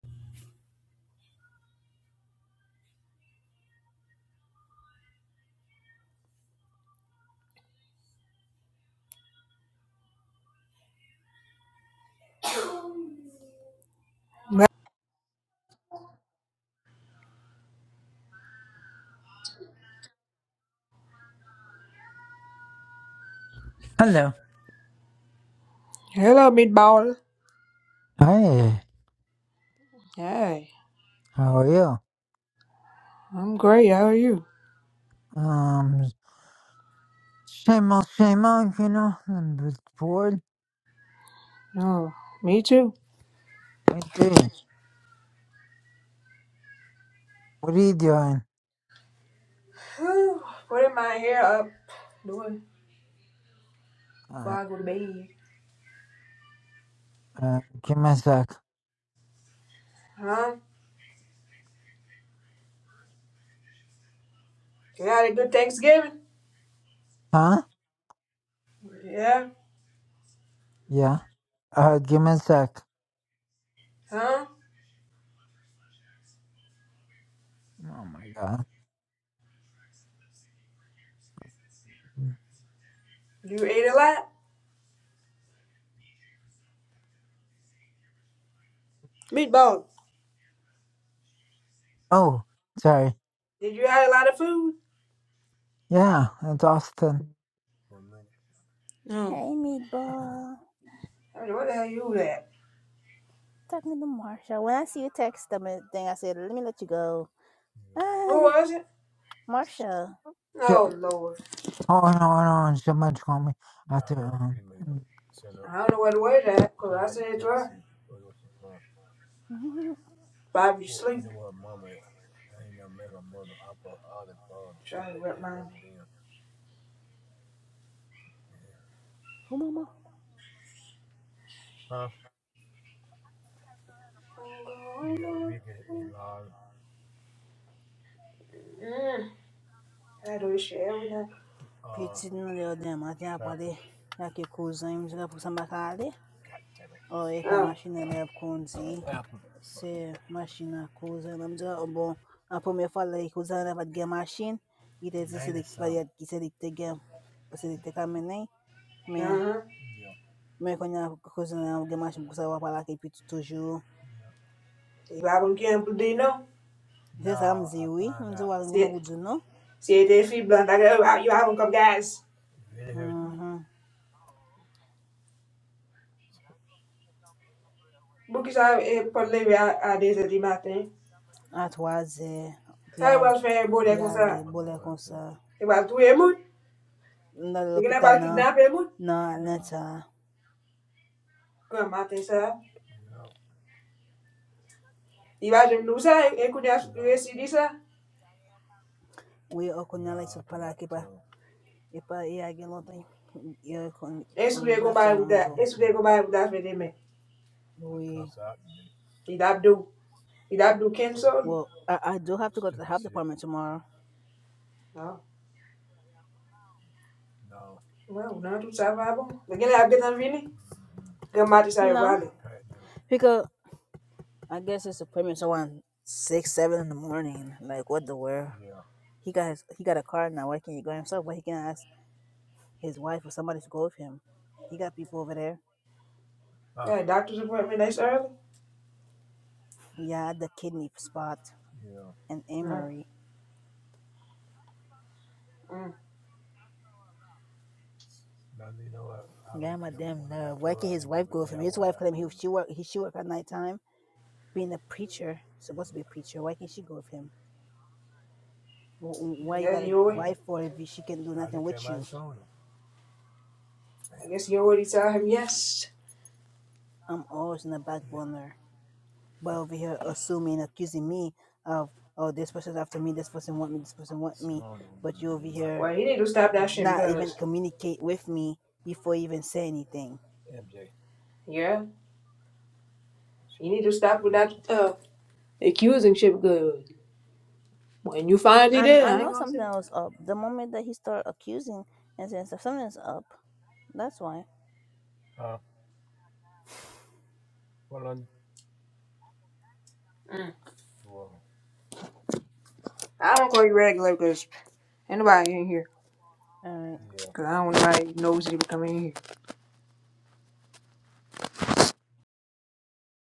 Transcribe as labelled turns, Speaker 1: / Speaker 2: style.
Speaker 1: Well,
Speaker 2: Hello.
Speaker 1: Hello, meatball.
Speaker 2: Hey,
Speaker 1: Hey,
Speaker 2: how are you?
Speaker 1: I'm great. How are you?
Speaker 2: Um, same old, same old, you know, I'm just bored.
Speaker 1: Oh, me too.
Speaker 2: What do you? What are you doing?
Speaker 1: Whew, Putting my hair up, doing before
Speaker 2: Uh,
Speaker 1: I go to bed.
Speaker 2: uh, give me a sec.
Speaker 1: Huh? You had a good Thanksgiving?
Speaker 2: Huh?
Speaker 1: Yeah.
Speaker 2: Yeah. Uh, give me a sec.
Speaker 1: Huh?
Speaker 2: Oh my god.
Speaker 1: You ate a lot? Meatball.
Speaker 2: Oh, sorry.
Speaker 1: Did you have a lot of food?
Speaker 2: Yeah, it's Austin.
Speaker 1: No.
Speaker 3: Hey, meatball.
Speaker 1: I mean, what the hell you at?
Speaker 3: Talking to Marsha. When I see you text them and thing, I said, let me let you go.
Speaker 1: Who
Speaker 3: Hey,
Speaker 1: was it?
Speaker 3: Marsha.
Speaker 2: Sh-
Speaker 1: Oh, Lord.
Speaker 2: oh no, no, so much call me after.
Speaker 1: I don't know where the word at, because I said to her,
Speaker 3: Mhm.
Speaker 1: Bobby sleep. Trying to rip mine.
Speaker 3: Who, mama?
Speaker 1: Mm, I do this shit every night.
Speaker 3: Petit não deu dema, já pode. Já que cozinha, não sei por samba calde. Ou é para
Speaker 1: Oh,
Speaker 3: máquina leva conzi. Se máquina cozinha, não sei. Bom, a primeira fala que cozinha leva de machine. E te disse que varia que se dicte game. Se dicte caminhei.
Speaker 1: Uh
Speaker 3: Mas,
Speaker 1: Uhum.
Speaker 3: mas quando a cozinha leva de machine, porque sabe falar que pito toujours.
Speaker 1: Levavam que amplo de não.
Speaker 3: Zesa mziwi mziwi alinguma
Speaker 1: Se,
Speaker 3: budzino
Speaker 1: se é de fibra, tá que eu havam com gás.
Speaker 3: mhm
Speaker 1: Porque já é, pode levar a desde de matin.
Speaker 3: atwaze
Speaker 1: Sabe
Speaker 3: pyali
Speaker 1: o que é bolha com
Speaker 3: pyali
Speaker 1: ça?
Speaker 3: bole konsa
Speaker 1: Eu acho que é muito.
Speaker 3: ndale
Speaker 1: Porque não é
Speaker 3: l'hopital
Speaker 1: para
Speaker 3: na
Speaker 1: kidnapper muito.
Speaker 3: na Atlanta
Speaker 1: Com matin ça. E vai de nous ça, e quando eu decidi ça,
Speaker 3: we no okunyala isopala kipa ipa iyage lontan yo kon
Speaker 1: e subi
Speaker 3: um
Speaker 1: com
Speaker 3: not too
Speaker 1: vai
Speaker 3: long
Speaker 1: mudar,
Speaker 3: ago
Speaker 1: e subi com vai mudar de mim.
Speaker 3: we
Speaker 1: E dá do, e dá do cancel.
Speaker 3: well I, I do have to go to the health department tomorrow
Speaker 1: Não. Well, não tudo ça va bom. Porque não é que tá vindo. Com matin ça é igual.
Speaker 3: no because I guess it's the premier's around six, seven in the morning. Like what the world? He got his, he got a car now. Why can't he go himself? Why he can't ask his wife or somebody to go with him? He got people over there.
Speaker 1: Yeah, doctor's appointment nice early.
Speaker 3: Yeah, the kidney spot and
Speaker 1: Não.
Speaker 3: Amory. Yeah, my damn nerve. Why can't his wife go with him? His wife told him he she work he she work at nighttime, being a preacher, supposed to be a preacher. Why can't she go with him? Wh- wh-
Speaker 1: I
Speaker 3: Why you
Speaker 1: guess
Speaker 3: got a
Speaker 1: you alre-
Speaker 3: wife for if she can do nothing with you?
Speaker 1: I guess you already tell him yes.
Speaker 3: I'm always in the back burner. But over here, assuming, accusing me of, oh, this person's after me, this person want me, this person want me. But you over here,
Speaker 1: Well, he need to stop that shit
Speaker 3: not even
Speaker 1: because
Speaker 3: communicate with me before you even say anything.
Speaker 1: yeah, he need to stop with that. Uh,
Speaker 3: And I
Speaker 1: yeah, I ain't
Speaker 3: know
Speaker 1: gonna
Speaker 3: something
Speaker 1: say.
Speaker 3: was up. The moment that he started accusing and saying stuff, something's up. That's why.
Speaker 1: Mm. I don't call you regular because ain't nobody in here
Speaker 3: All right. Yeah.
Speaker 1: because I don't want nobody nosy to come in here.